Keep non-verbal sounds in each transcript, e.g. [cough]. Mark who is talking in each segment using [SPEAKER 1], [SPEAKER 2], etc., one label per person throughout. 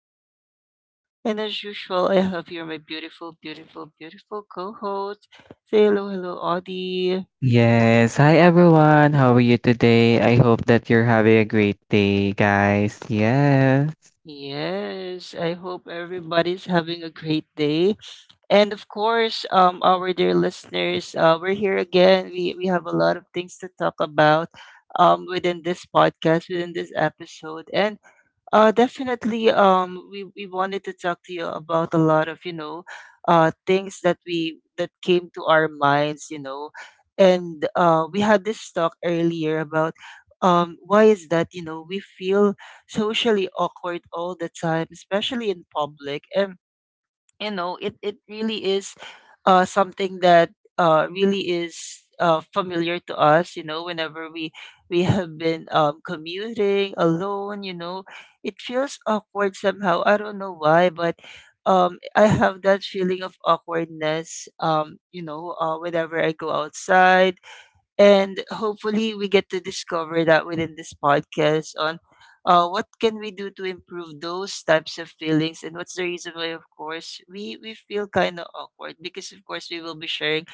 [SPEAKER 1] of Chaos. And as usual, I have here my beautiful, beautiful, beautiful co host. Say hello, hello, Audie.
[SPEAKER 2] Yes, hi everyone. How are you today? I hope that you're having a great day, guys. Yes.
[SPEAKER 1] Yes, I hope everybody's having a great day. And of course, our dear listeners, we're here again. We have a lot of things to talk about within this podcast, within this episode. And definitely. We wanted to talk to you about a lot of things that came to our minds. And we had this talk earlier about why is that we feel socially awkward all the time, especially in public, and it really is something that really is familiar to us, whenever we have been commuting alone. It feels awkward somehow. I don't know why, but I have that feeling of awkwardness, whenever I go outside, and hopefully we get to discover that within this podcast. On What can we do to improve those types of feelings, and what's the reason why? Of course, we feel kind of awkward because of course we will be sharing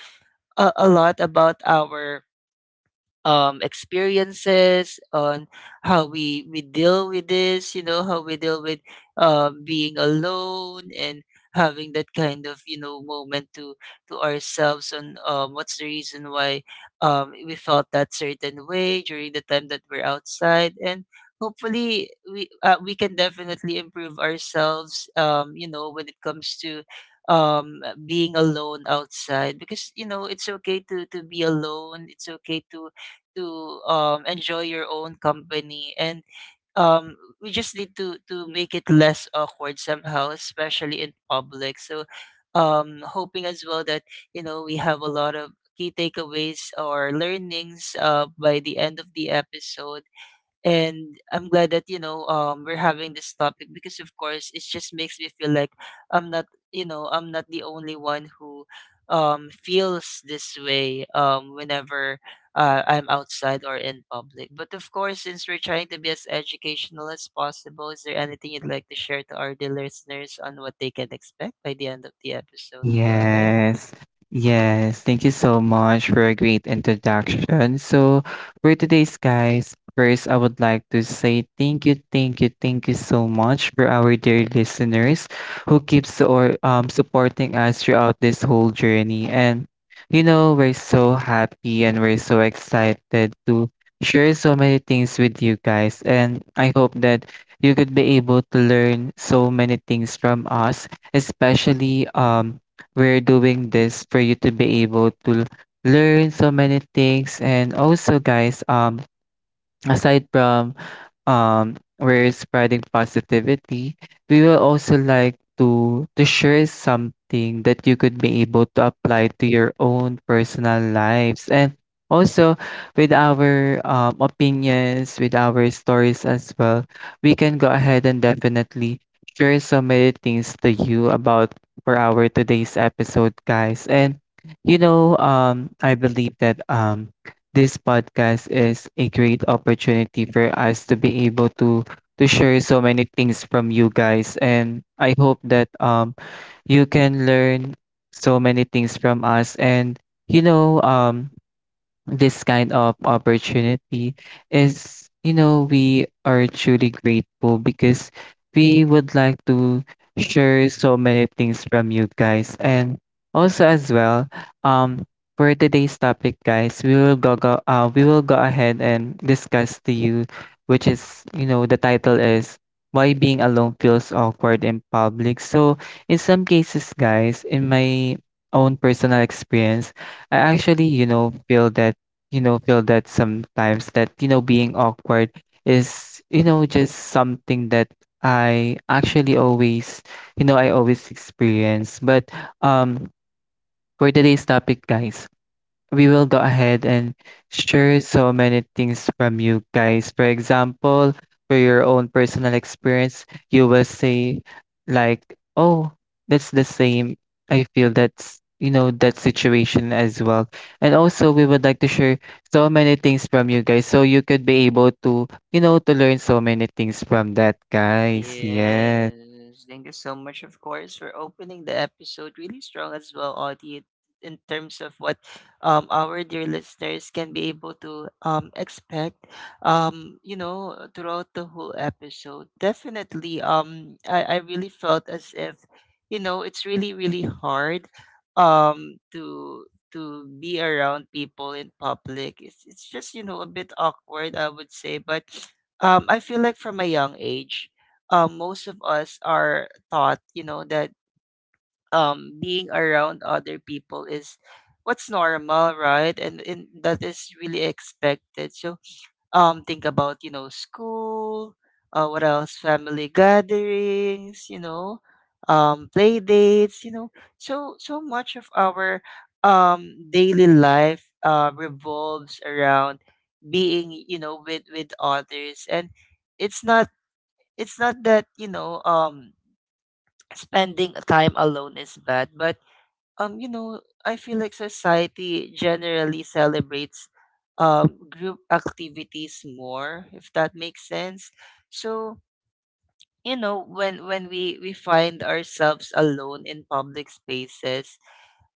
[SPEAKER 1] a lot about our experiences on how we deal with this. You know, how we deal with being alone and having that kind of, moment to ourselves on, what's the reason why we felt that certain way during the time that we're outside. And hopefully we can definitely improve ourselves, when it comes to being alone outside. Because you know, it's okay to be alone, it's okay to enjoy your own company, and we just need to make it less awkward somehow, especially in public. So hoping as well that you know, we have a lot of key takeaways or learnings by the end of the episode. And I'm glad that we're having this topic, because of course, it just makes me feel like I'm not, you know, I'm not the only one who feels this way, whenever I'm outside or in public. But of course, since we're trying to be as educational as possible, is there anything you'd like to share to our dear listeners on what they can expect by the end of the episode? Go ahead.
[SPEAKER 2] Yes, yes. Thank you so much for a great introduction. So, for today's guys, first I would like to say thank you so much for our dear listeners who keeps or supporting us throughout this whole journey. And you know, we're so happy and we're so excited to share so many things with you guys. And I hope that you could be able to learn so many things from us, especially we're doing this for you to be able to learn so many things. And also guys, aside from we're spreading positivity, we will also like to share something that you could be able to apply to your own personal lives. And also with our opinions, with our stories as well, we can go ahead and definitely share so many things to you about for our today's episode, guys. And I believe that this podcast is a great opportunity for us to be able to share so many things from you guys. And I hope that you can learn so many things from us. And you know um this kind of opportunity is, you know, we are truly grateful because we would like to share so many things from you guys. And also as well, um for today's topic, guys, we will go, go we will go ahead and discuss to you, which is, you know, the title is why being alone feels awkward in public. So in some cases, guys, in my own personal experience, I actually, you know, feel that, sometimes that, you know, being awkward is, you know, just something that I actually always, you know I always experience. But um for today's topic, guys, we will go ahead and share so many things from you guys. For example, for your own personal experience, you will say, like, oh, that's the same. I feel that's, you know, that situation as well. And also, we would like to share so many things from you guys so you could be able to, you know, to learn so many things from that, guys. Yes.
[SPEAKER 1] Yes, thank you so much, of course, for opening the episode really strong as well, Audie, in terms of what our dear listeners can be able to expect throughout the whole episode. Definitely, I really felt as if you know, it's really really hard um to to be around people in public. It's just, you know, a bit awkward, I would say, but I feel like from a young age, most of us are taught, you know, that being around other people is what's normal, right? And that is really expected. So think about, you know, school. What else? Family gatherings, you know, play dates, you know. So, so much of our daily life revolves around being, you know, with others. And it's not, it's not that, spending time alone is bad, but um you know I feel like society generally celebrates group activities more, if that makes sense. So you know, when we find ourselves alone in public spaces,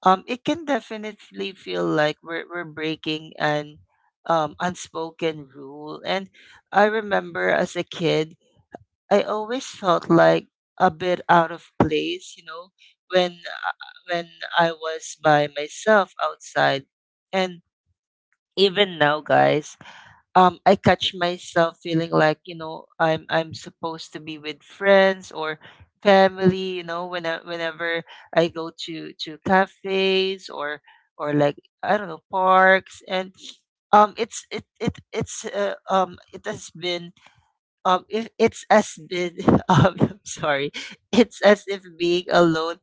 [SPEAKER 1] it can definitely feel like we're breaking an unspoken rule. And I remember as a kid, I always felt like a bit out of place, you know, when I was by myself outside. And even now, guys, I catch myself feeling like, you know, I'm supposed to be with friends or family. You know, when I, whenever I go to cafes or like, I don't know, parks. And it's it has been if it's as big [laughs] I'm sorry, it's as if being alone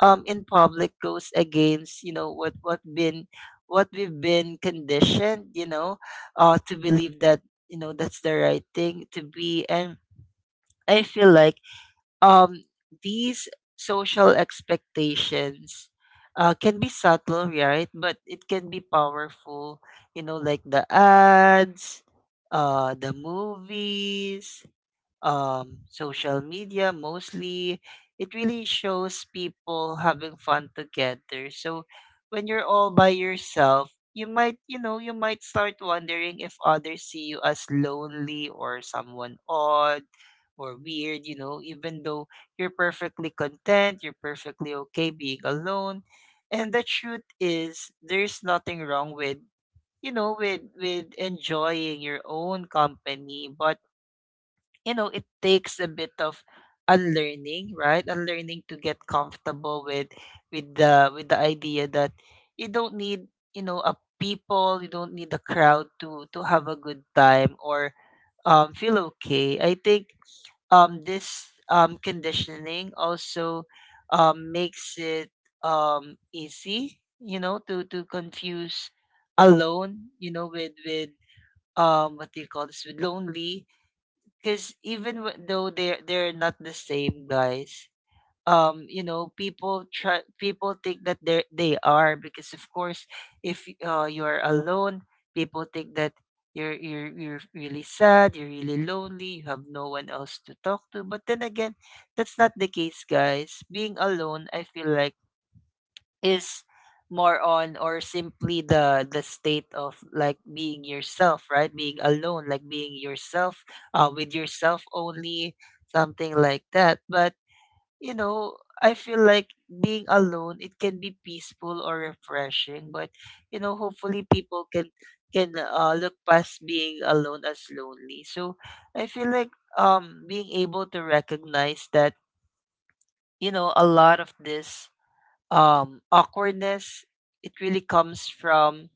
[SPEAKER 1] in public goes against, you know, what we've been conditioned, you know, to believe that, you know, that's the right thing to be. And I feel like, um these social expectations can be subtle, right? But it can be powerful, you know, like the ads, the movies, social media mostly, it really shows people having fun together. So when you're all by yourself, you might, you know, you might start wondering if others see you as lonely or someone odd or weird, you know, even though you're perfectly content, you're perfectly okay being alone. And the truth is, there's nothing wrong with, you know, with enjoying your own company, but you know, it takes a bit of unlearning. Right, unlearning to get comfortable with the idea that you don't need, you know a people, you don't need a crowd to have a good time or feel okay. I think this conditioning also makes it easy, you know, to confuse alone, you know, with what do you call this with lonely. Because even though they're not the same, guys, you know, people think that they are. Because of course, if you're alone, people think that you're really sad, you're really lonely, you have no one else to talk to. But then again, that's not the case, guys. Being alone, I feel like, is more on, or simply the state of like being yourself, right? Being alone, like being yourself, with yourself only, something like that. But you know, I feel like being alone, it can be peaceful or refreshing. But you know, hopefully people can look past being alone as lonely. So I feel like being able to recognize that, you know, a lot of this awkwardness, it really comes from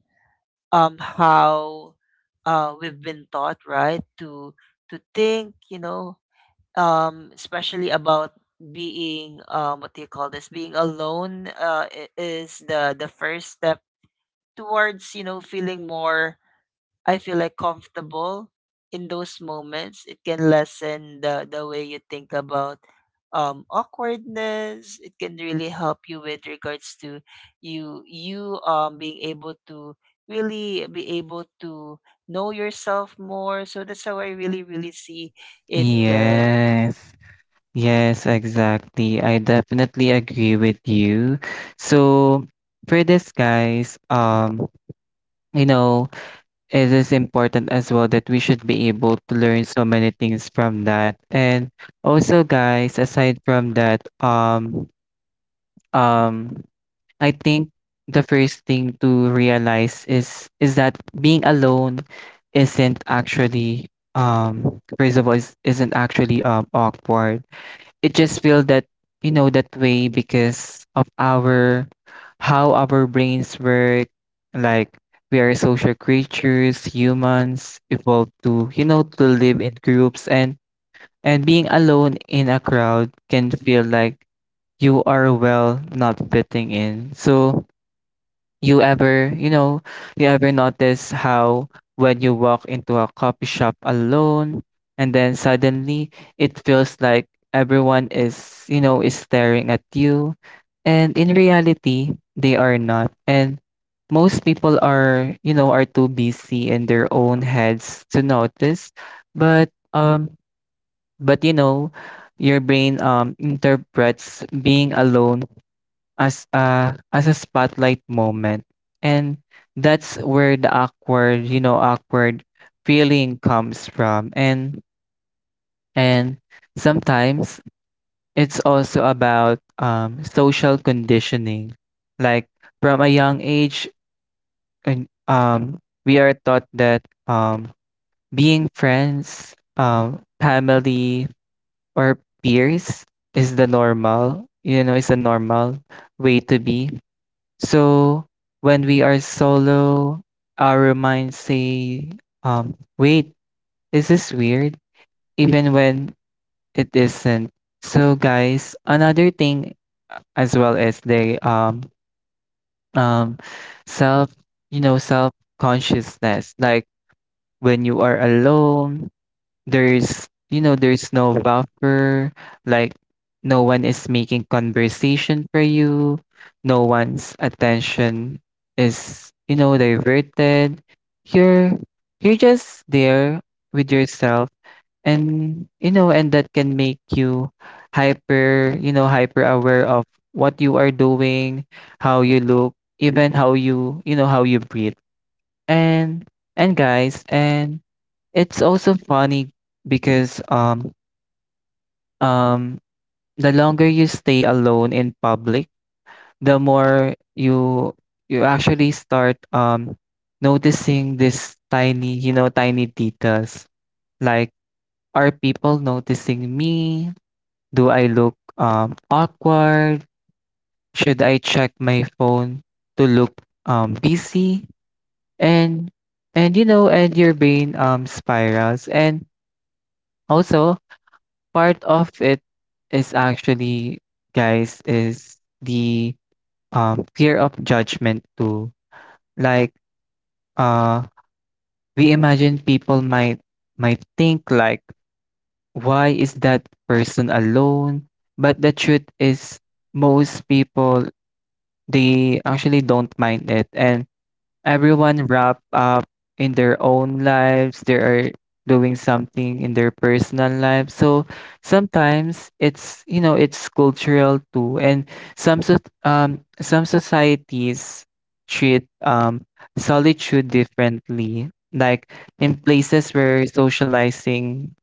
[SPEAKER 1] how we've been taught, right? To think, you know, especially about being, what do you call this? Being alone is the first step towards, you know, feeling more, I feel like, comfortable in those moments. It can lessen the way you think about awkwardness. It can really help you with regards to you you being able to really be able to know yourself more. So that's how I really really see it, guys.
[SPEAKER 2] Yes. Yes, exactly. I definitely agree with you. So for this, guys, you know, it is important as well that we should be able to learn so many things from that. And also, guys, aside from that, um, I think the first thing to realize is that being alone isn't actually first of all isn't actually awkward. It just feel that, you know, that way because of our how our brains work. Like, we are social creatures. Humans evolved to, you know, to live in groups. And being alone in a crowd can feel like you are, well, not fitting in. So you ever, you know, you ever notice how when you walk into a coffee shop alone and then suddenly it feels like everyone is, you know, is staring at you, and in reality they are not. And most people are, you know, are too busy in their own heads to notice, but you know, your brain interprets being alone as a spotlight moment. And that's where the awkward, you know, awkward feeling comes from. And and sometimes it's also about social conditioning. Like, from a young age, and we are taught that um, being friends, family, or peers is the normal, you know, is a normal way to be. So when we are solo, our minds say, wait, is this weird? Even when it isn't. So guys, another thing as well as the um self, you know, self consciousness. Like, when you are alone, there's, you know, there's no buffer. Like, no one is making conversation for you, no one's attention is, you know, diverted. you're you're just there with yourself. And you know, and that can make you hyper, you know, hyper aware of what you are doing, how you look, even how you, you know, how you breathe. And guys, and it's also funny because um the longer you stay alone in public, the more you, you actually start noticing this tiny, you know, tiny details. Like, are people noticing me? Do I look awkward? Should I check my phone to look busy? And you know, and your brain spirals. And also, part of it is actually, guys, is the fear of judgment too. Like, uh, we imagine people might, think like, why is that person alone? But the truth is, most people, they actually don't mind it, and everyone wrapped up in their own lives, they are doing something in their personal lives. So sometimes it's, you know, it's cultural too. And some so- some societies treat solitude differently. Like, in places where socializing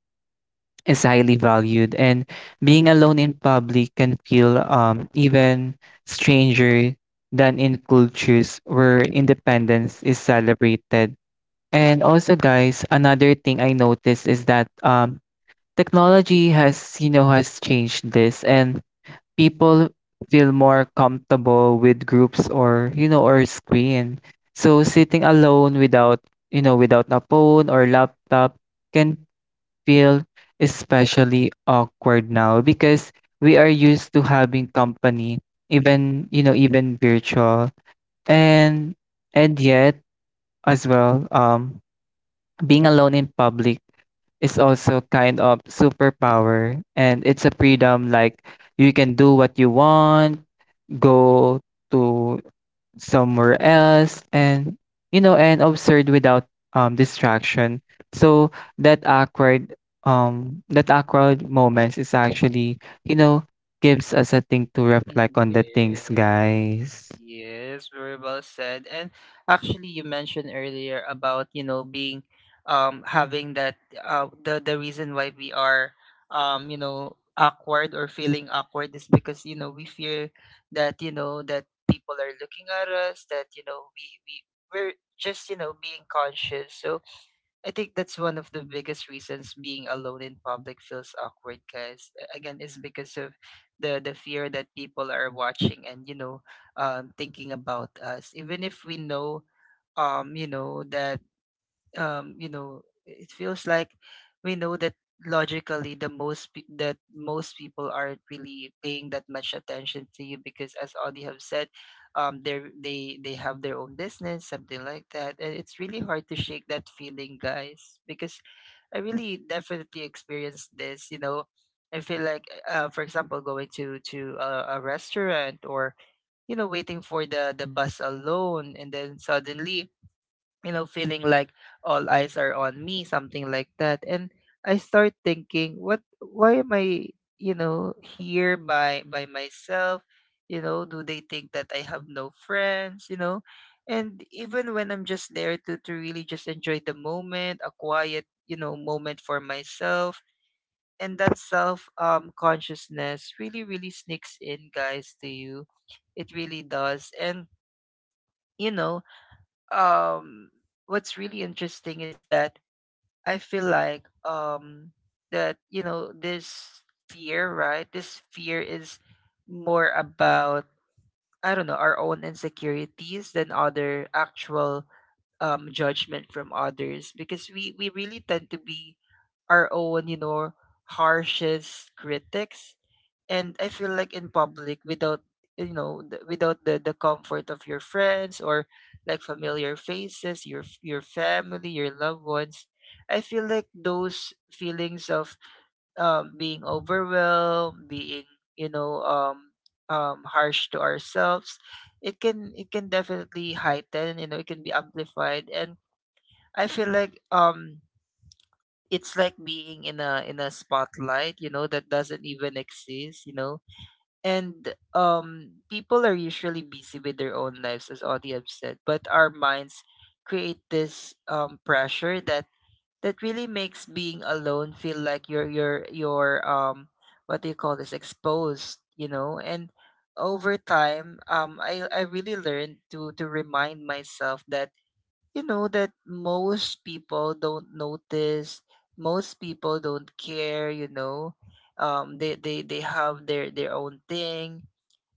[SPEAKER 2] is highly valued, and being alone in public can feel even stranger than in cultures where independence is celebrated. And also guys, another thing I noticed is that technology has, you know, has changed this. And people feel more comfortable with groups or, you know, or screen. So sitting alone without, you know, without a phone or laptop can feel especially awkward now because we are used to having company, even, you know, even virtual. And yet as well, being alone in public is also kind of superpower, and it's a freedom. Like, you can do what you want, go to somewhere else, and you know, and observed without distraction. So that awkward moments is actually, you know, gives us a thing to reflect on the things,
[SPEAKER 1] Yes.
[SPEAKER 2] guys.
[SPEAKER 1] Yes, very well said. And actually, you mentioned earlier about, you know, being having that the reason why we are you know, awkward or feeling awkward is because, you know, we fear that, you know, that people are looking at us, that, you know, we're just, you know, being conscious. So I think that's one of the biggest reasons being alone in public feels awkward, guys. Again, it's because of the fear that people are watching and you know, thinking about us. Even if we know, you know that, you know, it feels like we know that logically, the most that most people aren't really paying that much attention to you, because as Audie have said, they have their own business, something like that. And it's really hard to shake that feeling, guys. Because I really definitely experienced this, you know. I feel like, for example, going to a restaurant or you know, waiting for the bus alone, and then suddenly, you know, feeling like all eyes are on me, something like that. And I start thinking, what why am I, you know, here by myself? You know, do they think that I have no friends, you know? And even when I'm just there to really just enjoy the moment, a quiet, you know, moment for myself. And that self consciousness really, really sneaks in, guys, to you. It really does. And you know, um what's really interesting is that I feel like that you know, this fear, right? This fear is more about, I don't know, our own insecurities than other actual judgment from others, because we really tend to be our own harshest critics. And I feel like in public, without the comfort of your friends or like familiar faces, your family, your loved ones, I feel like those feelings of, being overwhelmed, being, you know um, harsh to ourselves, it can definitely heighten, it can be amplified. And I feel like, it's like being in a spotlight, that doesn't even exist. And people are usually busy with their own lives, as Audie have said, but our minds create this pressure that really makes being alone feel like you're, what do you call this, exposed. And over time, I really learned to remind myself that, that most people don't notice, most people don't care. They have their own thing.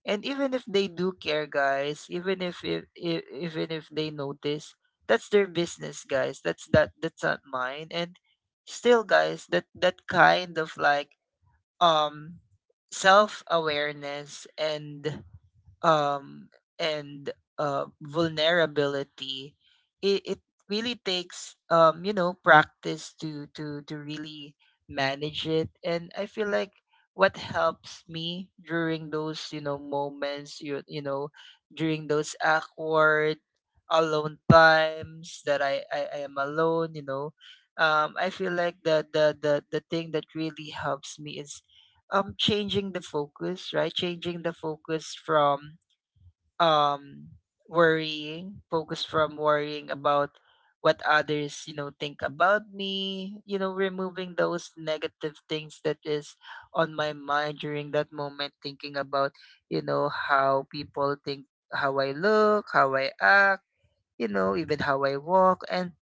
[SPEAKER 1] And even if they do care, guys, even if they notice, that's their business, guys. That's not mine. And still, guys, that kind of like, um self awareness and, um, and vulnerability, it really takes, practice to really manage it. And I feel like what helps me during those moments, during those awkward alone times that I am alone. I feel like the thing that really helps me is, changing the focus, right? Changing the focus from, um worrying about what others think about me. Removing those negative things that is on my mind during that moment, thinking about, how people think, how I look, how I act, even how I walk, and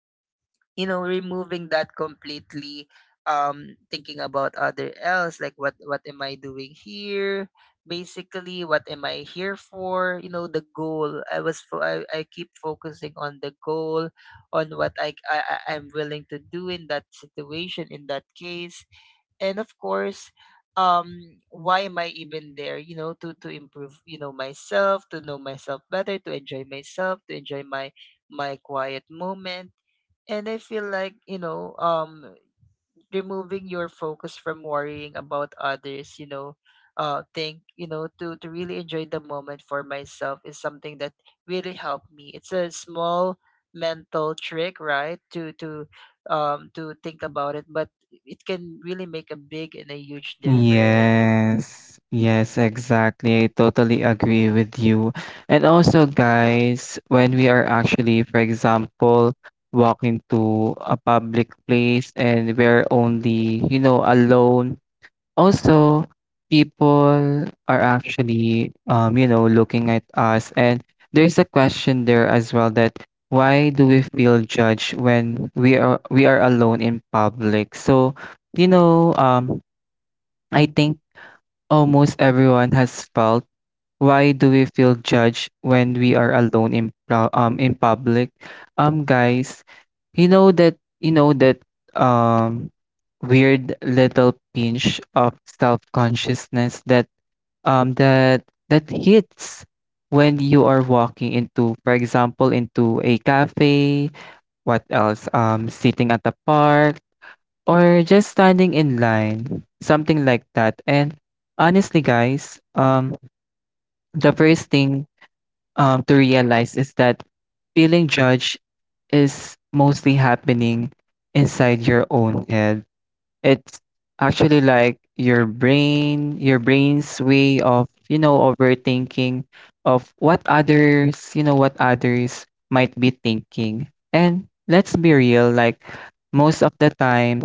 [SPEAKER 1] removing that completely. Thinking about other else, like what am I doing here? Basically, what am I here for? You know the goal I was fo- I keep focusing on the goal, on what I'm willing to do in that situation, in that case. And of course, why am I even there? To improve myself, to know myself better, to enjoy myself, to enjoy my quiet moment. And I feel like, removing your focus from worrying about others, you know, think, you know, to really enjoy the moment for myself is something that really helped me. It's a small mental trick, right? To think about it, but it can really make a big and a huge difference.
[SPEAKER 2] Yes. Yes, exactly. I totally agree with you. And also guys, when we are actually, for example, walking to a public place and we're only, you know, alone. Also, people are actually, you know, looking at us. And there's a question there as well that why do we feel judged when we are alone in public? So, you know, I think almost everyone has felt, why do we feel judged when we are alone in in public? Guys, you know that um weird little pinch of self-consciousness that, that hits when you are walking into, for example, into a cafe. What else? Sitting at the park, or just standing in line, something like that. And honestly guys, the first thing, to realize is that feeling judged is mostly happening inside your own head. It's actually like your brain, your brain's way of, you know, overthinking of what others, you know, what others might be thinking. And let's be real, like, most of the time,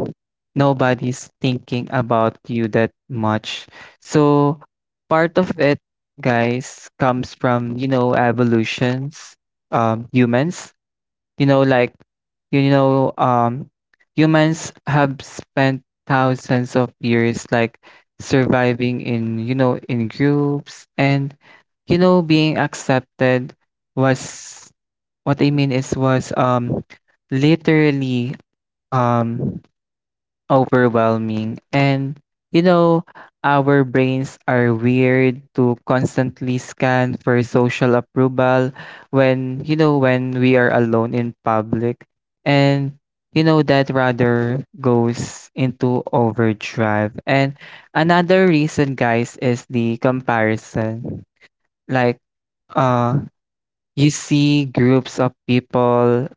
[SPEAKER 2] nobody's thinking about you that much. So part of it, guys, comes from, you know, evolutions, humans, you know, like, you know, um, humans have spent thousands of years like surviving in, you know, in groups. And you know, being accepted was, what I mean is was literally um overwhelming. And you know, our brains are weird to constantly scan for social approval when, you know, when we are alone in public. And you know, that rather goes into overdrive. And another reason, guys, is the comparison. Like, uh, you see groups of people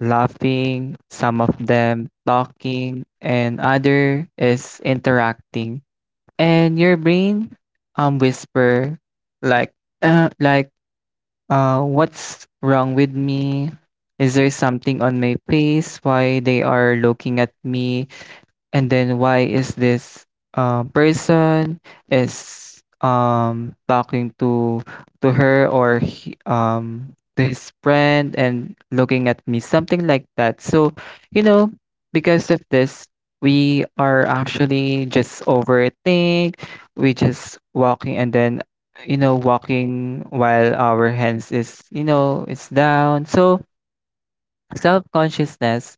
[SPEAKER 2] laughing, some of them talking, and other is interacting. And your brain whisper like, uh, like what's wrong with me? Is there something on my face? Why they are looking at me? And then why is this person is talking to her or he, to his friend, and looking at me, something like that. So you know, because of this, we are actually just overthink, we just walking and then, you know, walking while our hands is, you know, it's down. So self-consciousness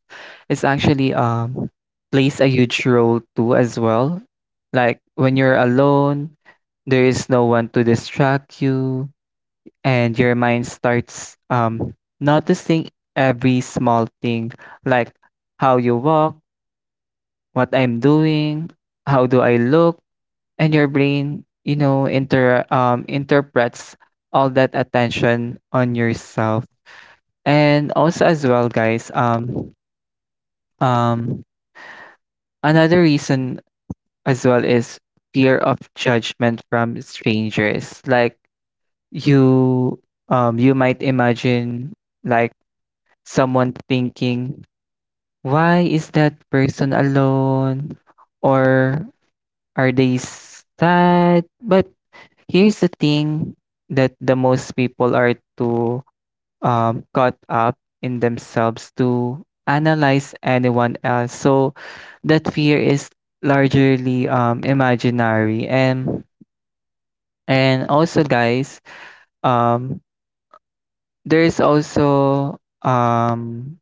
[SPEAKER 2] is actually plays a huge role too as well. Like, when you're alone, there is no one to distract you, and your mind starts noticing every small thing. Like, how you walk, what I'm doing, how do I look. And your brain, you know, interprets all that attention on yourself. And also as well guys, um another reason as well is fear of judgment from strangers. Like, you you might imagine, like, someone thinking, "Why is that person alone?" or "Are they sad?" But here's the thing, that the most people are too caught up in themselves to analyze anyone else. So that fear is largely imaginary. And also, guys, um, there's also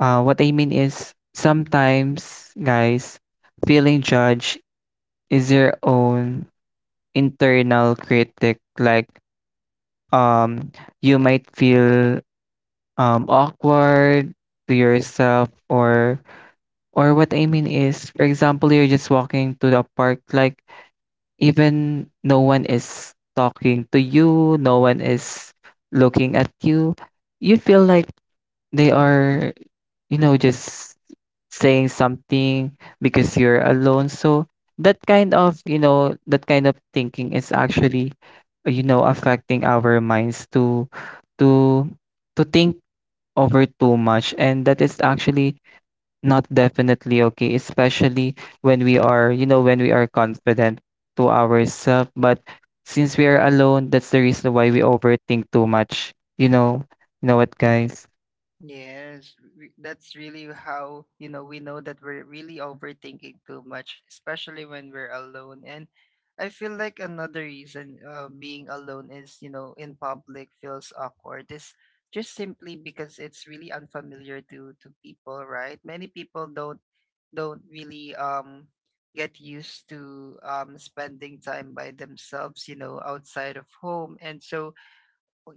[SPEAKER 2] what I mean is sometimes, guys, feeling judged is your own internal critic. Like um, you might feel awkward to yourself or what I mean is, for example, you're just walking to the park, like even no one is talking to you, no one is looking at you. You feel like they are, you know, just saying something because you're alone. So that kind of, that kind of thinking is actually, affecting our minds to to think over too much, and that is actually not definitely okay, especially when we are, when we are confident to ourselves. But since we are alone, that's the reason why we overthink too much. You know what, guys?
[SPEAKER 1] Yes, that's really how, we know that we're really overthinking too much, especially when we're alone. And I feel like another reason, being alone is, in public, feels awkward, is just simply because it's really unfamiliar to people, right? Many people don't really get used to spending time by themselves, outside of home. And so,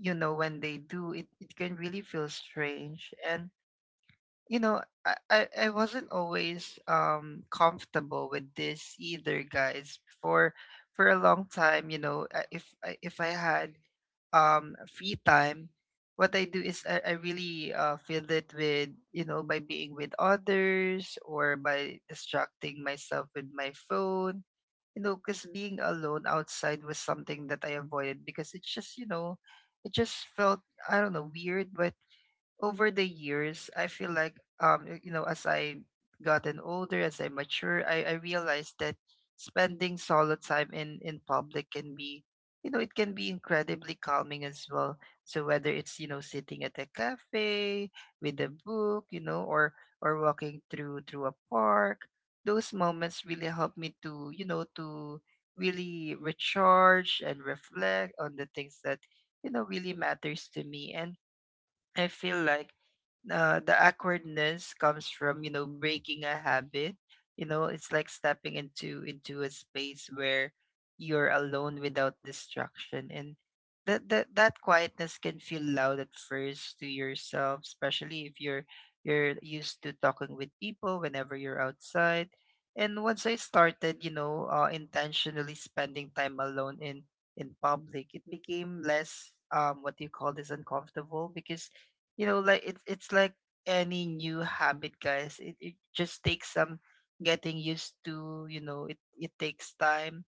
[SPEAKER 1] when they do, it can really feel strange. And I wasn't always comfortable with this either, guys. For a long time, if I had free time, what I do is I really, fill it with by being with others, or by distracting myself with my phone. Because being alone outside was something that I avoided, because it's just, it just felt, I don't know, weird. Over the years, I feel like, as I gotten older, as I mature, I realized that spending solo time in public can be, it can be incredibly calming as well. So whether it's, sitting at a cafe with a book, or walking through a park, those moments really help me to, to really recharge and reflect on the things that, really matters to me. And I feel like, the awkwardness comes from, breaking a habit. It's like stepping into a space where you're alone without distraction, and that quietness can feel loud at first to yourself, especially if you're used to talking with people whenever you're outside. And once I started, intentionally spending time alone in public, it became less, what do you call this, uncomfortable, because, like it's like any new habit, guys, it just takes some getting used to. It takes time.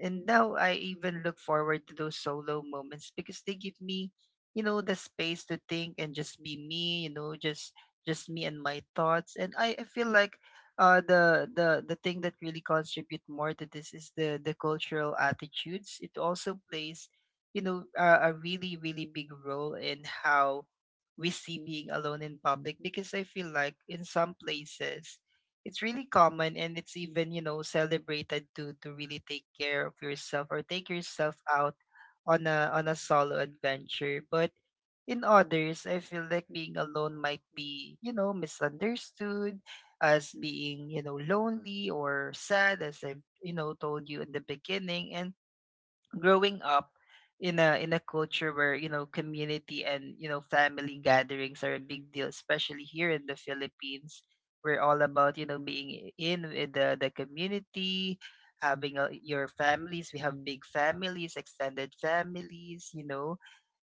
[SPEAKER 1] And now I even look forward to those solo moments, because they give me, the space to think and just be me, just me and my thoughts. And I feel like, the thing that really contribute more to this is the cultural attitudes. It also plays, a really, really big role in how we see being alone in public, because I feel like in some places it's really common, and it's even, celebrated, to really take care of yourself, or take yourself out on a solo adventure. But in others, I feel like being alone might be, misunderstood as being, lonely or sad, as I, told you in the beginning. And growing up in a culture where, community and, family gatherings are a big deal, especially here in the Philippines, we're all about, being in with the community, having your families. We have big families, extended families,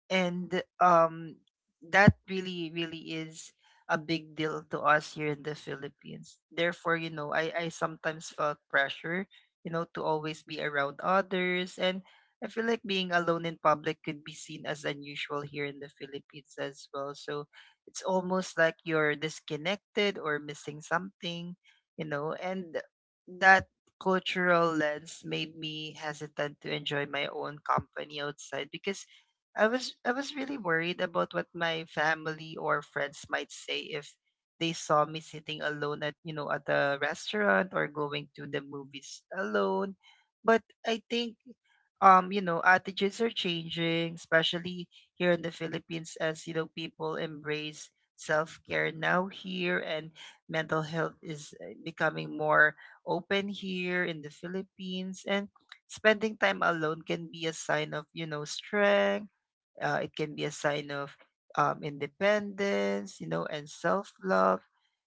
[SPEAKER 1] and that really, really is a big deal to us here in the Philippines. Therefore, I sometimes felt pressure, to always be around others. And I feel like being alone in public could be seen as unusual here in the Philippines as well. So it's almost like you're disconnected or missing something, and that cultural lens made me hesitant to enjoy my own company outside, because I was really worried about what my family or friends might say if they saw me sitting alone at, at a restaurant, or going to the movies alone. But I think, attitudes are changing, especially here in the Philippines, as, people embrace self-care now here, and mental health is, becoming more open here in the Philippines. And spending time alone can be a sign of, strength. It can be a sign of, independence, and self love.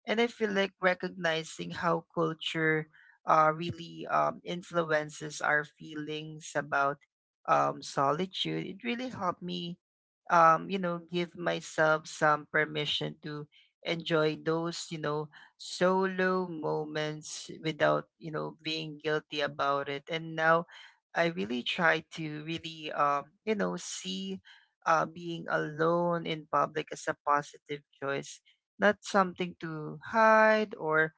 [SPEAKER 1] And I feel like recognizing how culture, really influences our feelings about, solitude, it really helped me, give myself some permission to enjoy those, solo moments without, being guilty about it. And now I really try to really, see, being alone in public as a positive choice, not something to hide or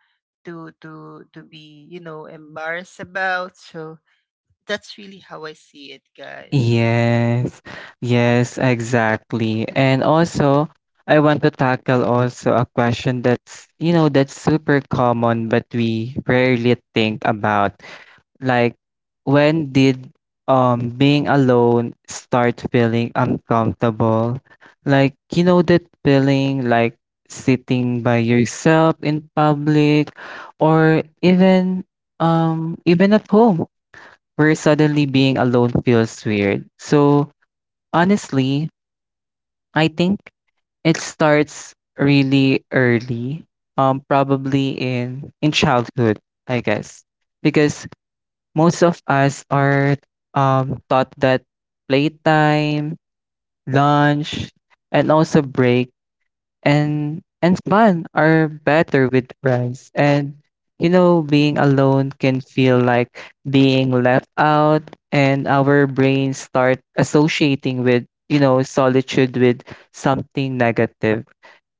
[SPEAKER 1] to be, embarrassed about. So that's really how I see it, guys.
[SPEAKER 2] Yes, yes, exactly. And also, I want to tackle also a question that's, that's super common, but we rarely think about. Like, when did being alone start feeling uncomfortable? Like, you know that feeling like sitting by yourself in public or even even at home where suddenly being alone feels weird. So, honestly, I think it starts really early. Probably in childhood, I guess. Because most of us are taught that playtime, lunch, and also break and fun are better with friends. And you know, being alone can feel like being left out, and our brains start associating with you know solitude with something negative.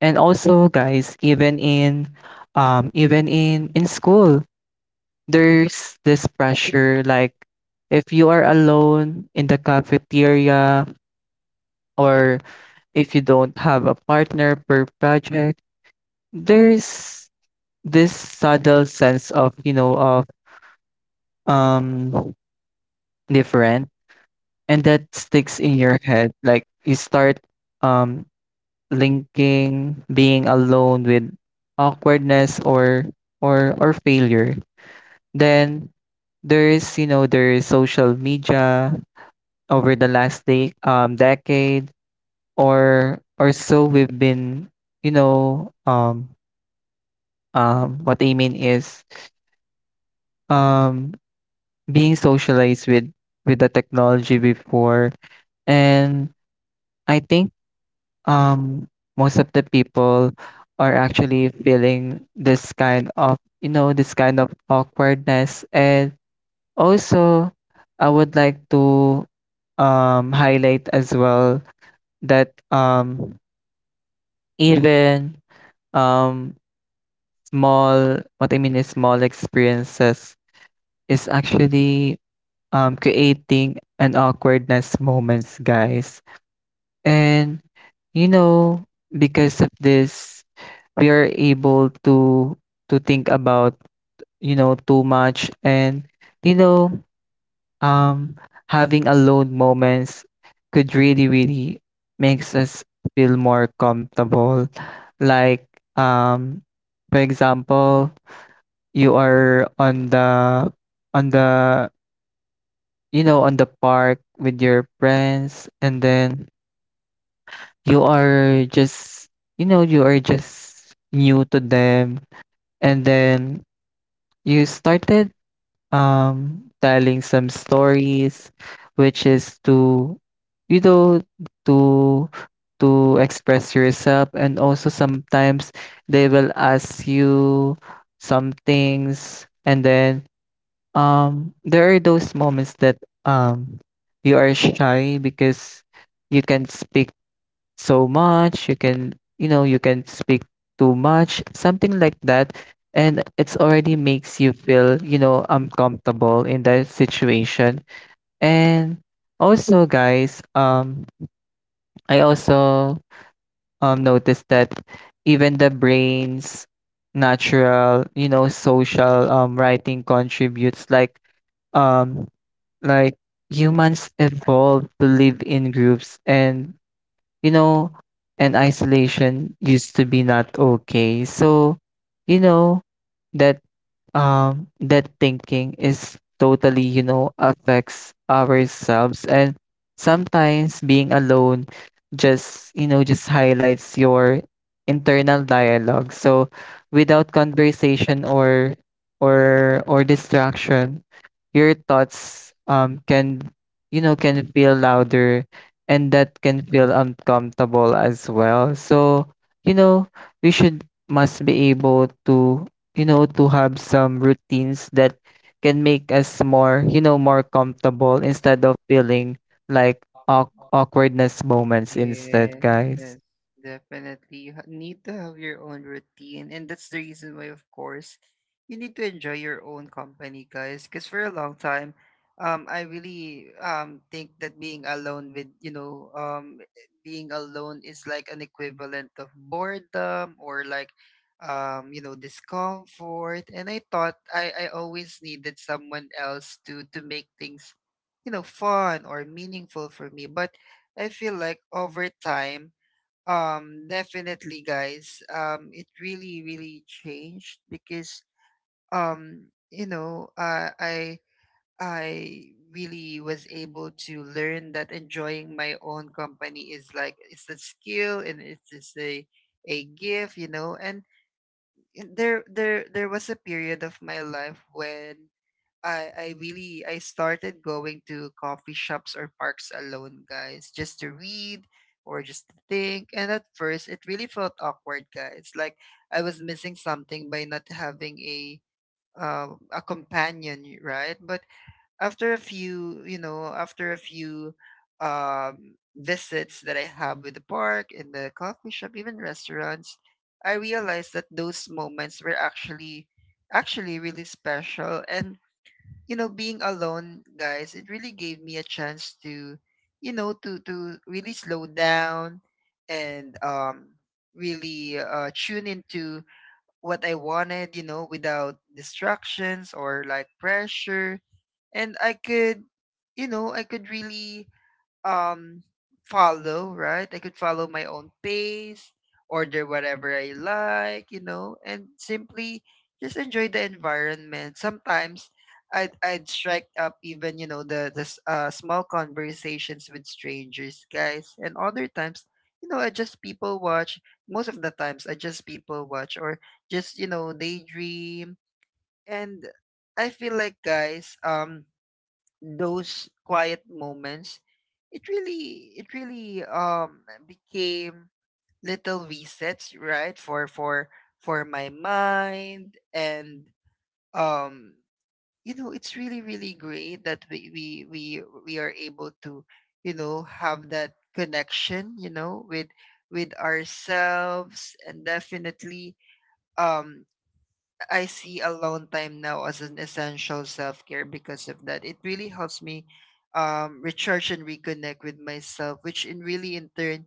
[SPEAKER 2] And also, guys, even in even in school, there's this pressure like if you are alone in the cafeteria or if you don't have a partner per project, there's this subtle sense of, you know, of um different, and that sticks in your head. Like you start um linking being alone with awkwardness or or failure. Then there is, you know, there is social media. Over the last decade or so, we've been you know what I mean is um, being socialized with the technology before, and I think um, most of the people are actually feeling this kind of, you know, this kind of awkwardness. And also, I would like to highlight as well that even, um, small what I mean is small experiences is actually, creating an awkwardness moments, guys. And, you know, because of this, we are able to think about, you know, too much, and, you know, um having alone moments could really really makes us feel more comfortable. Like, um for example, you are on the on the you know, on the park with your friends, and then you are just, you know, you are just new to them, and then you started telling some stories, which is to, you know, to to express yourself. And also sometimes they will ask you some things, and then there are those moments that um you are shy because you can not speak so much, you can, you know, you can speak too much, something like that, and it's already makes you feel, you know, uncomfortable in that situation. And also, guys, I also noticed that even the brain's natural, you know, social writing contributes. Like, um like humans evolved to live in groups, and you know, and isolation used to be not okay. So, you know, that that thinking is totally, you know, affects ourselves, and sometimes being alone just, you know, just highlights your internal dialogue. So, without conversation or or distraction, your thoughts can, you know, can feel louder, and that can feel uncomfortable as well. So you know, we should must be able to, you know, to have some routines that can make us more, you know, more comfortable instead of feeling like awkwardness moments instead, guys.
[SPEAKER 1] Yes, definitely. You need to have your own routine. And that's the reason why, of course, you need to enjoy your own company, guys. Because for a long time, I really think that being alone being alone is like an equivalent of boredom, or like, discomfort. And I thought I always needed someone else to make things, fun or meaningful for me. But I feel like over time, definitely, guys, it really, really changed, because, um, you know, uh, I, I really was able to learn that enjoying my own company is like, it's a skill, and it's just a gift, and there was a period of my life when I started going to coffee shops or parks alone, guys, just to read or just to think. And at first, it really felt awkward, guys. Like I was missing something by not having a companion, right? But after a few, you know, after a few visits that I have with the park and the coffee shop, even restaurants, I realized that those moments were, actually really special. And being alone, guys, it really gave me a chance to, you know, to really slow down, and really, tune into what I wanted, without distractions or like pressure. And I could really um follow, right? I could follow my own pace, order whatever I like, and simply just enjoy the environment. Sometimes I'd strike up, even, small conversations with strangers, guys, and other times. I just people watch. Most of the times, I just people watch, or just, daydream, and I feel like, guys, those quiet moments, it really became little resets, right? For my mind. And um you know, it's really great that we are able to, you know, have that connection, you know, with ourselves. And definitely, um I see alone time now as an essential self care because of that. It really helps me recharge and reconnect with myself, which in really in turn,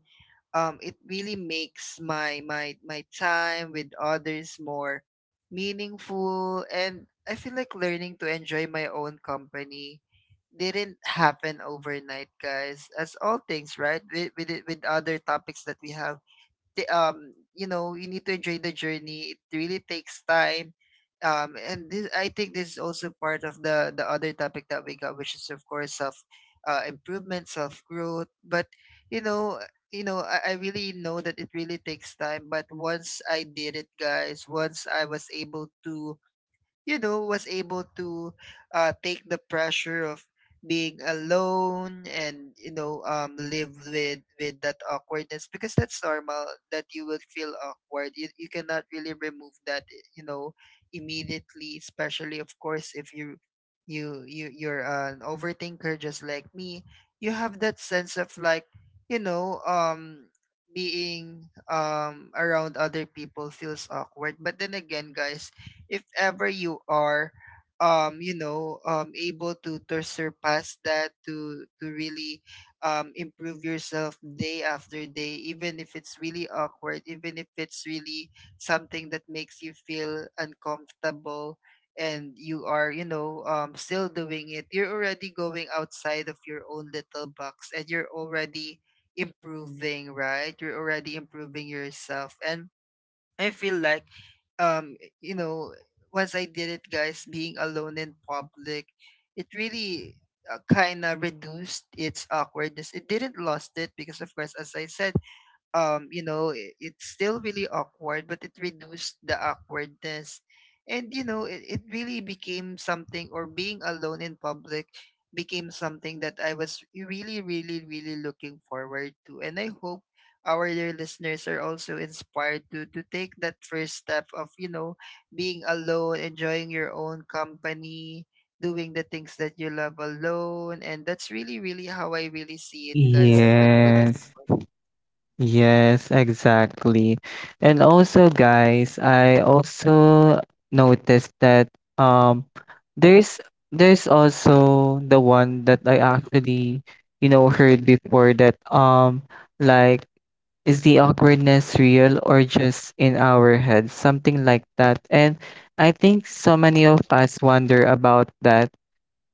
[SPEAKER 1] it really makes my time with others more meaningful. And I feel like learning to enjoy my own company didn't happen overnight, guys. As all things, right? With other topics that we have you know, you need to enjoy the journey. It really takes time. And this, I think this is also part of the other topic that we got, which is of course self improvement, self growth. But you know, you know, I really know that it really takes time. But once I did it, guys, once I was able to, was able to take the pressure of being alone and you know, live with that awkwardness, because that's normal that you will feel awkward. You cannot really remove that, you know, immediately, especially of course if you you're an overthinker just like me. You have that sense of like, you know, being around other people feels awkward. But then again, guys, if ever you are you know, able to surpass that, to really improve yourself day after day, even if it's really awkward, even if it's really something that makes you feel uncomfortable, and you are, you know, still doing it, you're already going outside of your own little box, and you're already improving, right? You're already improving yourself. And I feel like you know, once I did it, guys, being alone in public, it really kind of reduced its awkwardness. It didn't lost it, because of course, as I said, you know, it's still really awkward, but it reduced the awkwardness. And you know, it really became something, or being alone in public became something that I was really, really, really looking forward to. And I hope our dear listeners are also inspired to take that first step of, you know, being alone, enjoying your own company, doing the things that you love alone. And that's really really how I really see it, guys, up until this.
[SPEAKER 2] Yes. Yes, exactly. And also, guys, I also noticed that um there's there's also the one that I actually, you know, heard before that like, is the awkwardness real or just in our heads? Something like that. And I think so many of us wonder about that,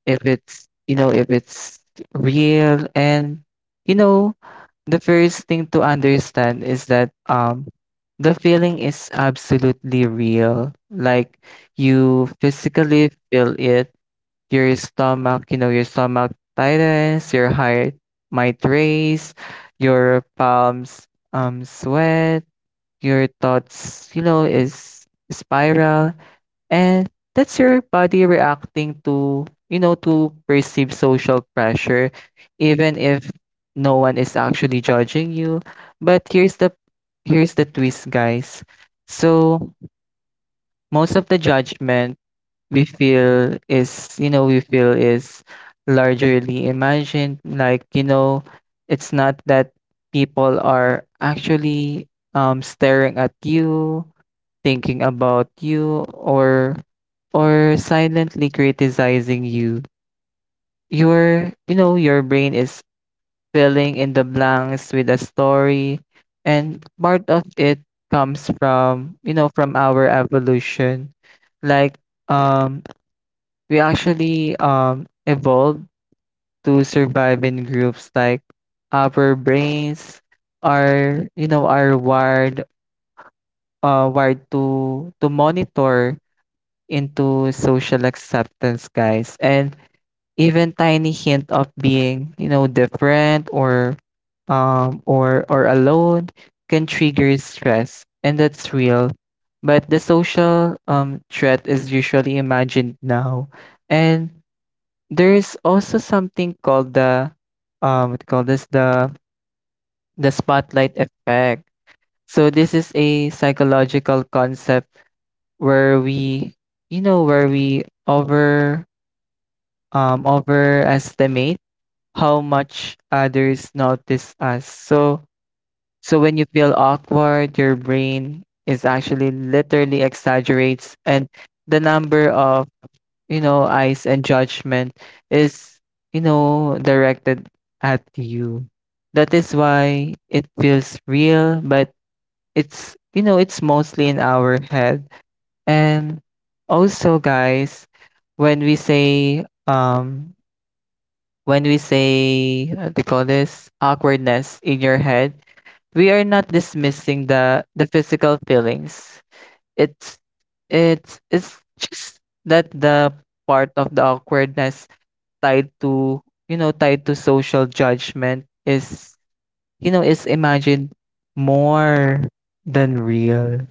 [SPEAKER 2] if it's, you know, if it's real. And you know, the first thing to understand is that the feeling is absolutely real. Like, you physically feel it, your stomach, you know, your stomach tightens, your heart might race, your palms sweat, your thoughts, you know, is spiral, and that's your body reacting to, you know, to perceived social pressure, even if no one is actually judging you. But here's the twist, guys. So most of the judgment we feel is largely imagined. Like, you know, it's not that people are actually staring at you, thinking about you, or silently criticizing you. Your you know, your brain is filling in the blanks with a story, and part of it comes from you know, from our evolution. Like, um we actually evolved to survive in groups. Like, our brains are you know, are wired, to monitor into social acceptance, guys. And even tiny hint of being, you know, different or or alone can trigger stress, and that's real. But the social threat is usually imagined now. And there's also something called the what call this the spotlight effect. So this is a psychological concept where we, you know, where we overestimate how much others notice us. So, so when you feel awkward, your brain is actually literally exaggerates, and the number of, you know, eyes and judgment is, you know, directed at you. That is why it feels real, but it's you know, it's mostly in our head. And also, guys, when we say what do call this, awkwardness in your head, we are not dismissing the physical feelings. It's it's just that the part of the awkwardness tied to, you know, tied to social judgment is, you know, is imagined more than real.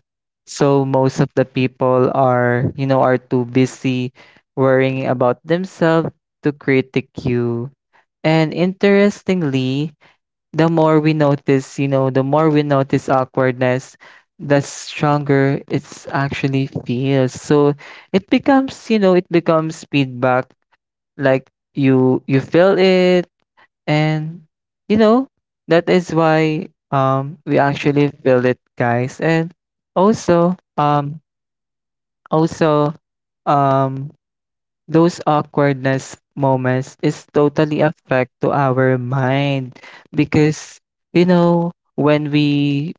[SPEAKER 2] So most of the people are, you know, are too busy worrying about themselves to critique you. And interestingly, the more we notice, you know, the more we notice awkwardness, the stronger it's actually feels. So it becomes, you know, it becomes feedback. Like you feel it, and you know, that is why we actually feel it, guys. And also also um those awkwardness moments is totally affect to our mind, because you know, when we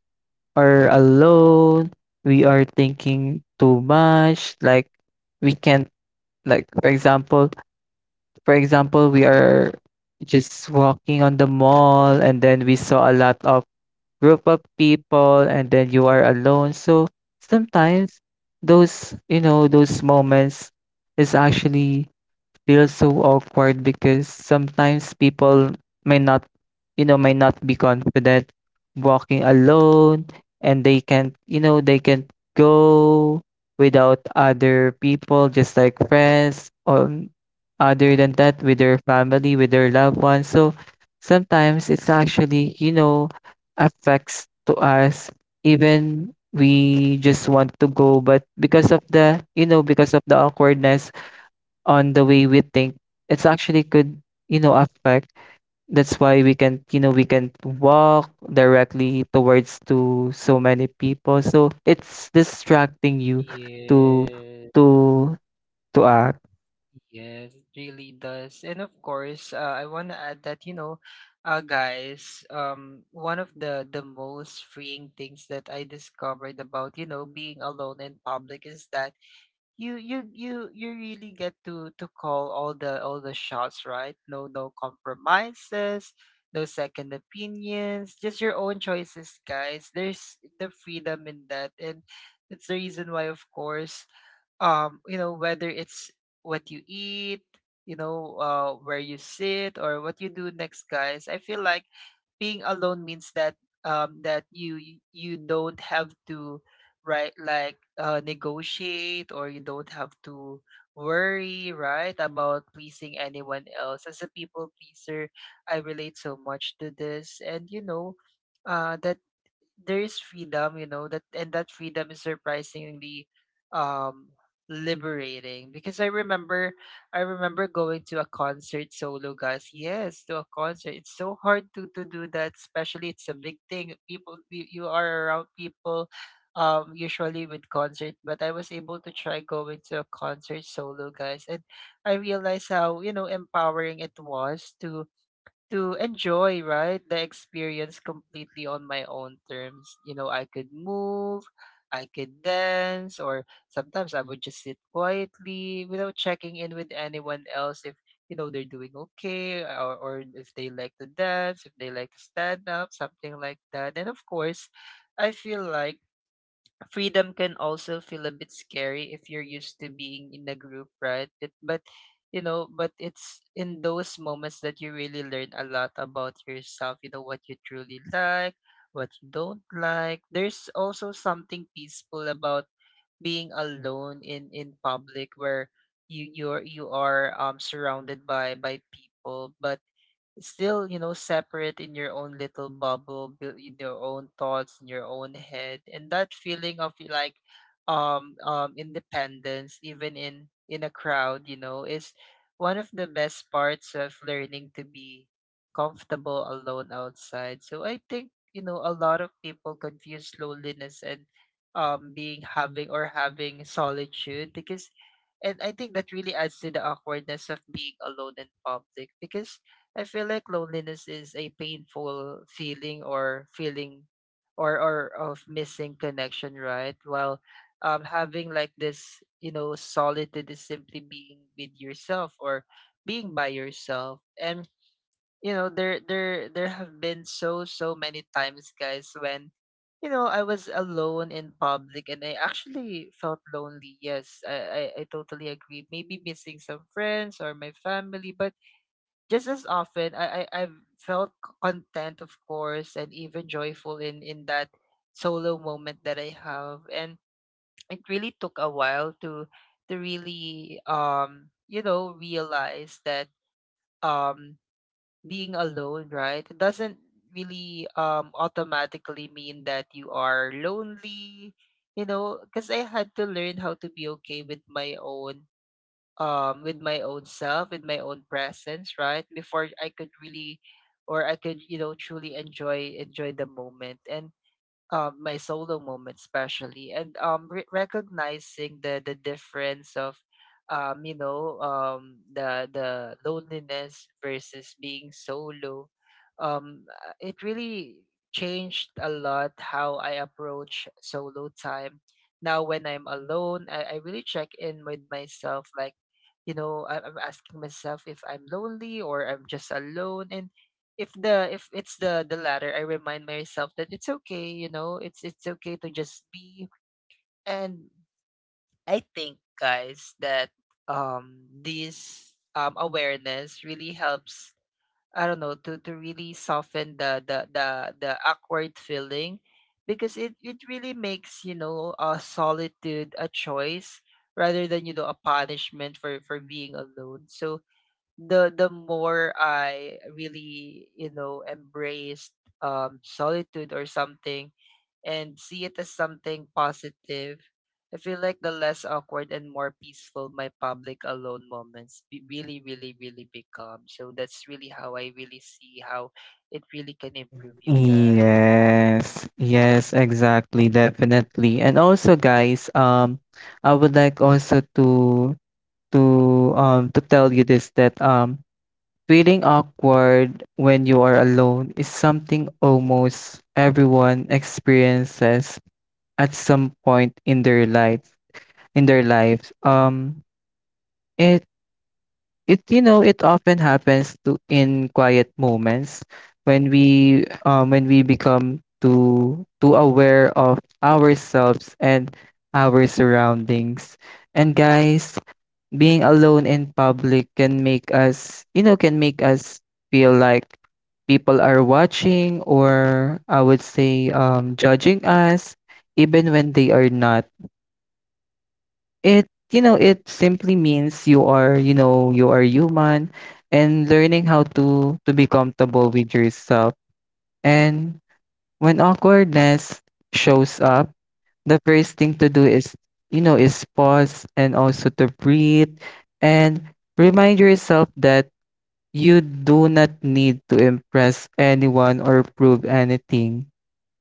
[SPEAKER 2] are alone we are thinking too much. Like we can't, like for example, we are just walking on the mall, and then we saw a lot of group of people, and then you are alone. So sometimes those, you know, those moments is actually feels so awkward, because sometimes people may not, you know, may not be confident walking alone, and they can't, you know, they can't go without other people, just like friends or other than that with their family, with their loved ones. So sometimes it's actually, you know, affects to us, even we just want to go, but because of the, you know, because of the awkwardness on the way we think, it's actually could, you know, affect, that's why we can, you know, we can walk directly towards to so many people, so it's distracting you to
[SPEAKER 1] Yes,
[SPEAKER 2] to to act.
[SPEAKER 1] yes, it really does. And of course, I want to add that, you know, guys, one of the most freeing things that I discovered about, you know, being alone in public is that you really get to call all the shots, right? No no compromises, no second opinions, just your own choices, guys. There's the freedom in that. And that's the reason why, of course, you know, whether it's what you eat, you know, where you sit, or what you do next, guys, I feel like being alone means that that you don't have to, right, like, negotiate, or you don't have to worry, right, about pleasing anyone else. As a people pleaser, I relate so much to this. And you know, that there is freedom, you know, that, and that freedom is surprisingly um liberating. Because I remember, I remember going to a concert solo, guys. Yes, to a concert. It's so hard to do that, especially it's a big thing. People you are around people usually with concert, but I was able to try going to a concert solo, guys. And I realized how, you know, empowering it was to enjoy, right, the experience completely on my own terms. You know, I could move, I could dance, or sometimes I would just sit quietly without checking in with anyone else if, you know, they're doing okay, or if they like to dance, if they like to stand up, something like that. And of course, I feel like freedom can also feel a bit scary if you're used to being in a group, right? But you know, but it's in those moments that you really learn a lot about yourself, you know, what you truly like, what you don't like. There's also something peaceful about being alone in public, where you are surrounded by people, but still, you know, separate in your own little bubble, built in your own thoughts, in your own head. And that feeling of like independence even in a crowd, you know, is one of the best parts of learning to be comfortable alone outside. So I think, you know, a lot of people confuse loneliness and being having, or having solitude. Because, and I think that really adds to the awkwardness of being alone in public. Because I feel like loneliness is a painful feeling, or feeling or of missing connection, right? While having, like this, you know, solitude is simply being with yourself or being by yourself. And you know, there have been so many times, guys, when you know, I was alone in public and I actually felt lonely. Yes, I totally agree. Maybe missing some friends or my family, but just as often I I've felt c- content, of course, and even joyful in that solo moment that I have. And it really took a while to really, you know, realize that um being alone, right, it doesn't really automatically mean that you are lonely. You know, because I had to learn how to be okay with my own self, with my own presence, right, before I could really, or I could, you know, truly enjoy, enjoy the moment and my solo moment especially. And re- recognizing the difference of, you know, the loneliness versus being solo, it really changed a lot how I approach solo time. Now when I'm alone, I really check in with myself, like, you know, I'm asking myself if I'm lonely or I'm just alone. And if the, if it's the latter, I remind myself that it's okay. You know, it's okay to just be. And I think, guys, that this awareness really helps. I don't know, to really soften the the the awkward feeling. Because it really makes, you know, a solitude a choice, rather than, you know, a punishment for being alone. So the more I really, you know, embraced solitude or something, and see it as something positive, I feel like the less awkward and more peaceful my public alone moments be- really, really, really become. So that's really how I really see how it really can improve you, guys.
[SPEAKER 2] Yes, yes, exactly, definitely. And also, guys, I would like also to tell you this, that feeling awkward when you are alone is something almost everyone experiences at some point in their life, in their lives. It it You know, it often happens to in quiet moments when we become too aware of ourselves and our surroundings. And guys, being alone in public can make us, you know, can make us feel like people are watching, or I would say judging us, even when they are not. It, you know, it simply means you are, you know, you are human and learning how to be comfortable with yourself. And when awkwardness shows up, the first thing to do is, you know, is pause and also to breathe, and remind yourself that you do not need to impress anyone or prove anything,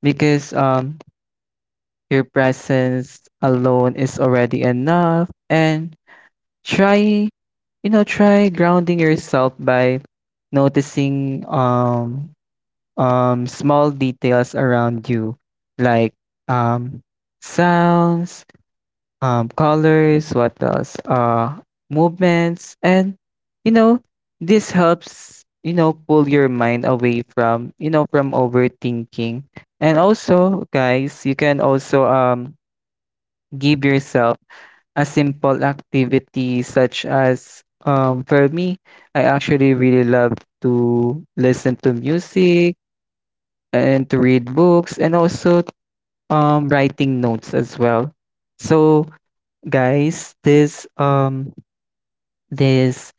[SPEAKER 2] because your presence alone is already enough. And try, you know, try grounding yourself by noticing small details around you, like um sounds, colors, what else, movements, and you know, this helps, you know, pull your mind away from, you know, from overthinking. And also, guys, you can also give yourself a simple activity, such as for me, I actually really love to listen to music and to read books, and also writing notes as well. So guys, this this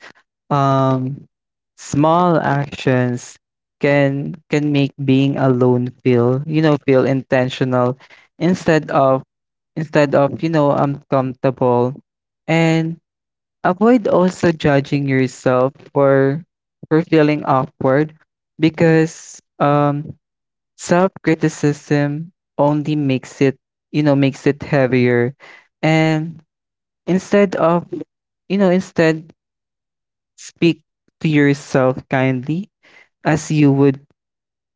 [SPEAKER 2] um small actions can make being alone feel, you know, feel intentional instead of, instead of, you know, uncomfortable. And avoid also judging yourself for feeling awkward, because self-criticism only makes it, you know, makes it heavier. And instead of, you know, instead, speak to yourself kindly as you would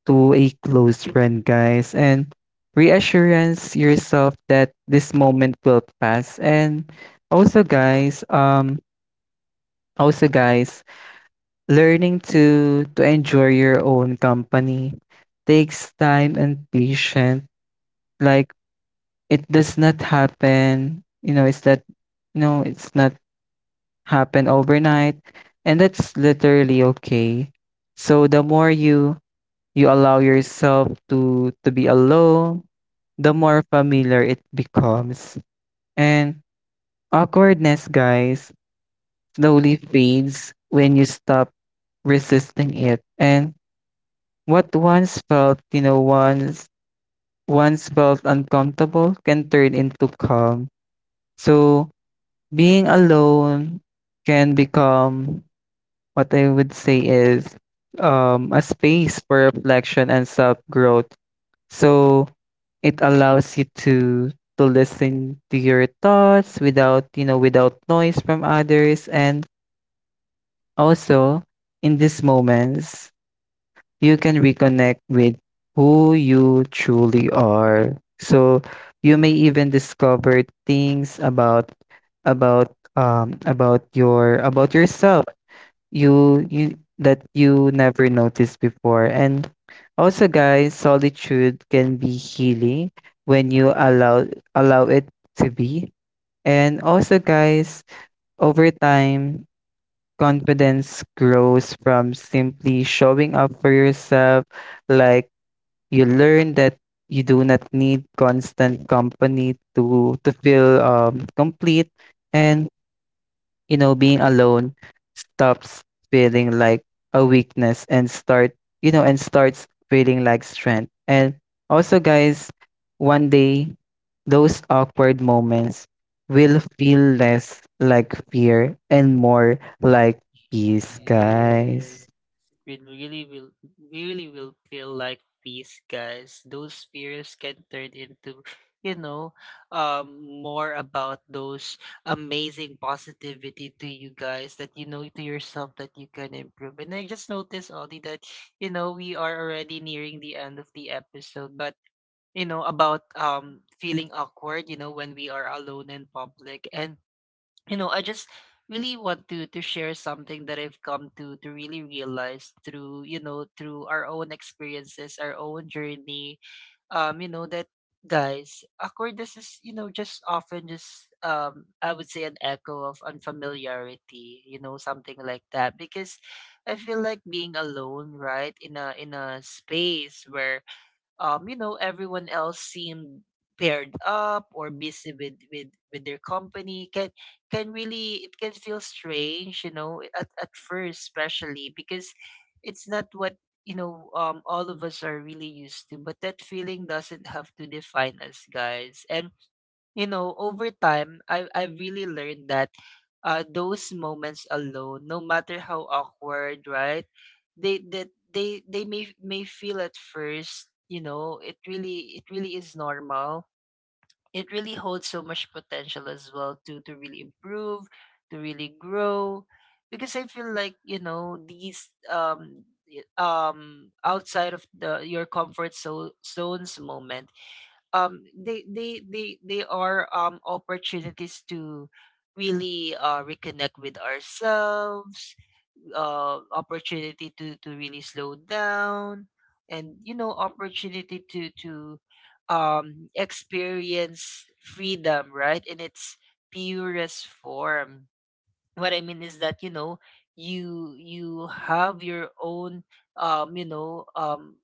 [SPEAKER 2] to a close friend, guys, and reassurance yourself that this moment will pass. And also, guys, um, also, guys, learning to enjoy your own company takes time and patience. Like, it does not happen, you know, it's that you know, it's not happen overnight, and that's literally okay. So the more you you allow yourself to be alone, the more familiar it becomes. And awkwardness, guys, slowly fades when you stop resisting it, and what once felt, you know, once felt uncomfortable can turn into calm. So being alone can become what I would say is a space for reflection and self growth. So it allows you to listen to your thoughts without, you know, without noise from others. And also, in these moments you can reconnect with who you truly are. So you may even discover things about your about yourself, you that you never noticed before. And also, guys, solitude can be healing when you allow it to be. And also, guys, over time, confidence grows from simply showing up for yourself. Like, you learn that you do not need constant company to feel complete. And you know, being alone stops feeling like a weakness and start, you know, and starts feeling like strength. And also, guys, one day those awkward moments will feel less like fear and more like peace,
[SPEAKER 1] Yeah.
[SPEAKER 2] guys.
[SPEAKER 1] We really will feel like peace, guys. Those fears can turn into, you know, more about those amazing positivity to you guys, that you know, to yourself, that you can improve. And I just noticed, Ollie, that you know, we are already nearing the end of the episode. But you know, about feeling awkward, you know, when we are alone in public. And you know, I just really want to share something that I've come to really realize through, you know, through our own experiences, our own journey. You know, that, guys, awkwardness is, you know, just often just I would say an echo of unfamiliarity, you know, something like that. Because I feel like being alone, right, in a space where, you know, everyone else seemed paired up or busy with with their company, can really, it can feel strange, you know, at first, especially, because it's not what, you know, all of us are really used to. But that feeling doesn't have to define us, guys. And you know, over time, I really learned that, those moments alone, no matter how awkward, right, They that they may feel at first, you know, it really, it really is normal. It really holds so much potential as well to really improve, to really grow. Because I feel like, you know, these outside of the your comfort so, zones moment, they are opportunities to really reconnect with ourselves, opportunity to really slow down, and you know, opportunity to experience freedom, right, in its purest form. What I mean is that, you know, you have your own, you know, um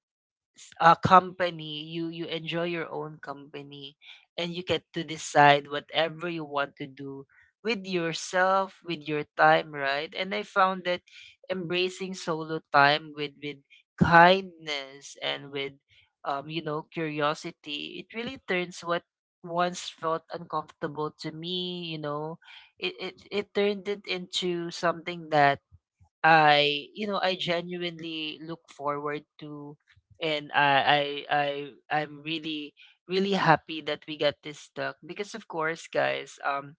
[SPEAKER 1] uh, company, you enjoy your own company, and you get to decide whatever you want to do with yourself, with your time, right? And I found that embracing solo time with kindness and with, you know, curiosity, it really turns what once felt uncomfortable to me, you know, it turned it into something that I you know, I genuinely look forward to. And I I'm really really happy that we got this stuck. Because of course, guys, um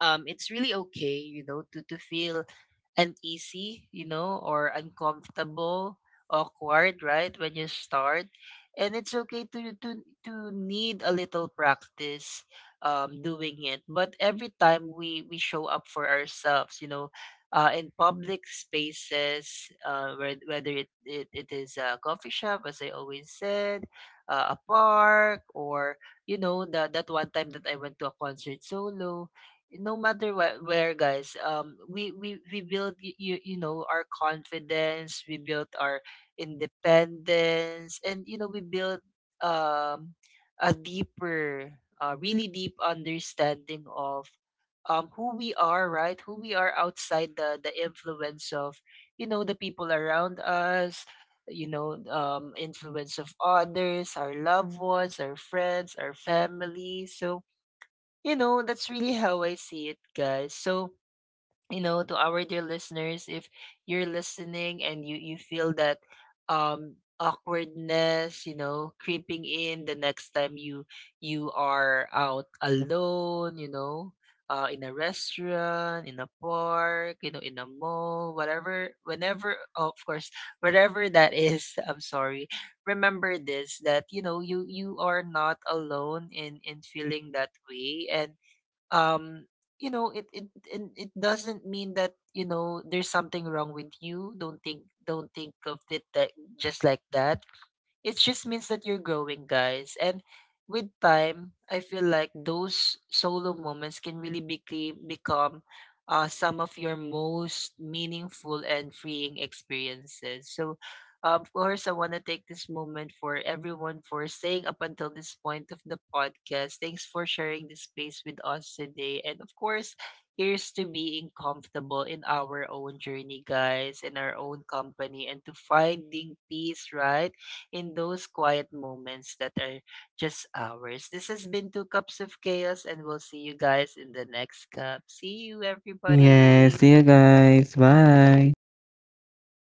[SPEAKER 1] um it's really okay, you know, to feel uneasy, you know, or uncomfortable, awkward, right, when you start. And it's okay to to need a little practice doing it. But every time we show up for ourselves, you know, in public spaces, whether it is a coffee shop, as I always said, a park, or, you know, the, that one time that I went to a concert solo, no matter where, guys, we build, you know, our confidence, we built our independence, and you know, we build um a deeper really deep understanding of who we are, right, who we are outside the influence of, you know, the people around us, you know, influence of others, our loved ones, our friends, our family. So you know, that's really how I see it, guys. So, you know, to our dear listeners, if you're listening and you feel that awkwardness, you know, creeping in the next time you are out alone, you know, in a restaurant, in a park, you know, in a mall, whatever, whenever, of course, whatever that is, [laughs] I'm sorry. Remember this, that you know, you are not alone in feeling that way. And um you know, it and it doesn't mean that, you know, there's something wrong with you. Don't think don't think of it that, just like that. It just means that you're growing, guys. And with time, I feel like those solo moments can really became, become some of your most meaningful and freeing experiences. So, of course, I want to take this moment for everyone for staying up until this point of the podcast. Thanks for sharing this space with us today. And of course, here's to being comfortable in our own journey, guys, in our own company, and to finding peace, right, in those quiet moments that are just ours. This has been Two Cups of Chaos, and we'll see you guys in the next cup. See you,
[SPEAKER 2] Yes,
[SPEAKER 1] everybody.
[SPEAKER 2] see you guys. Bye.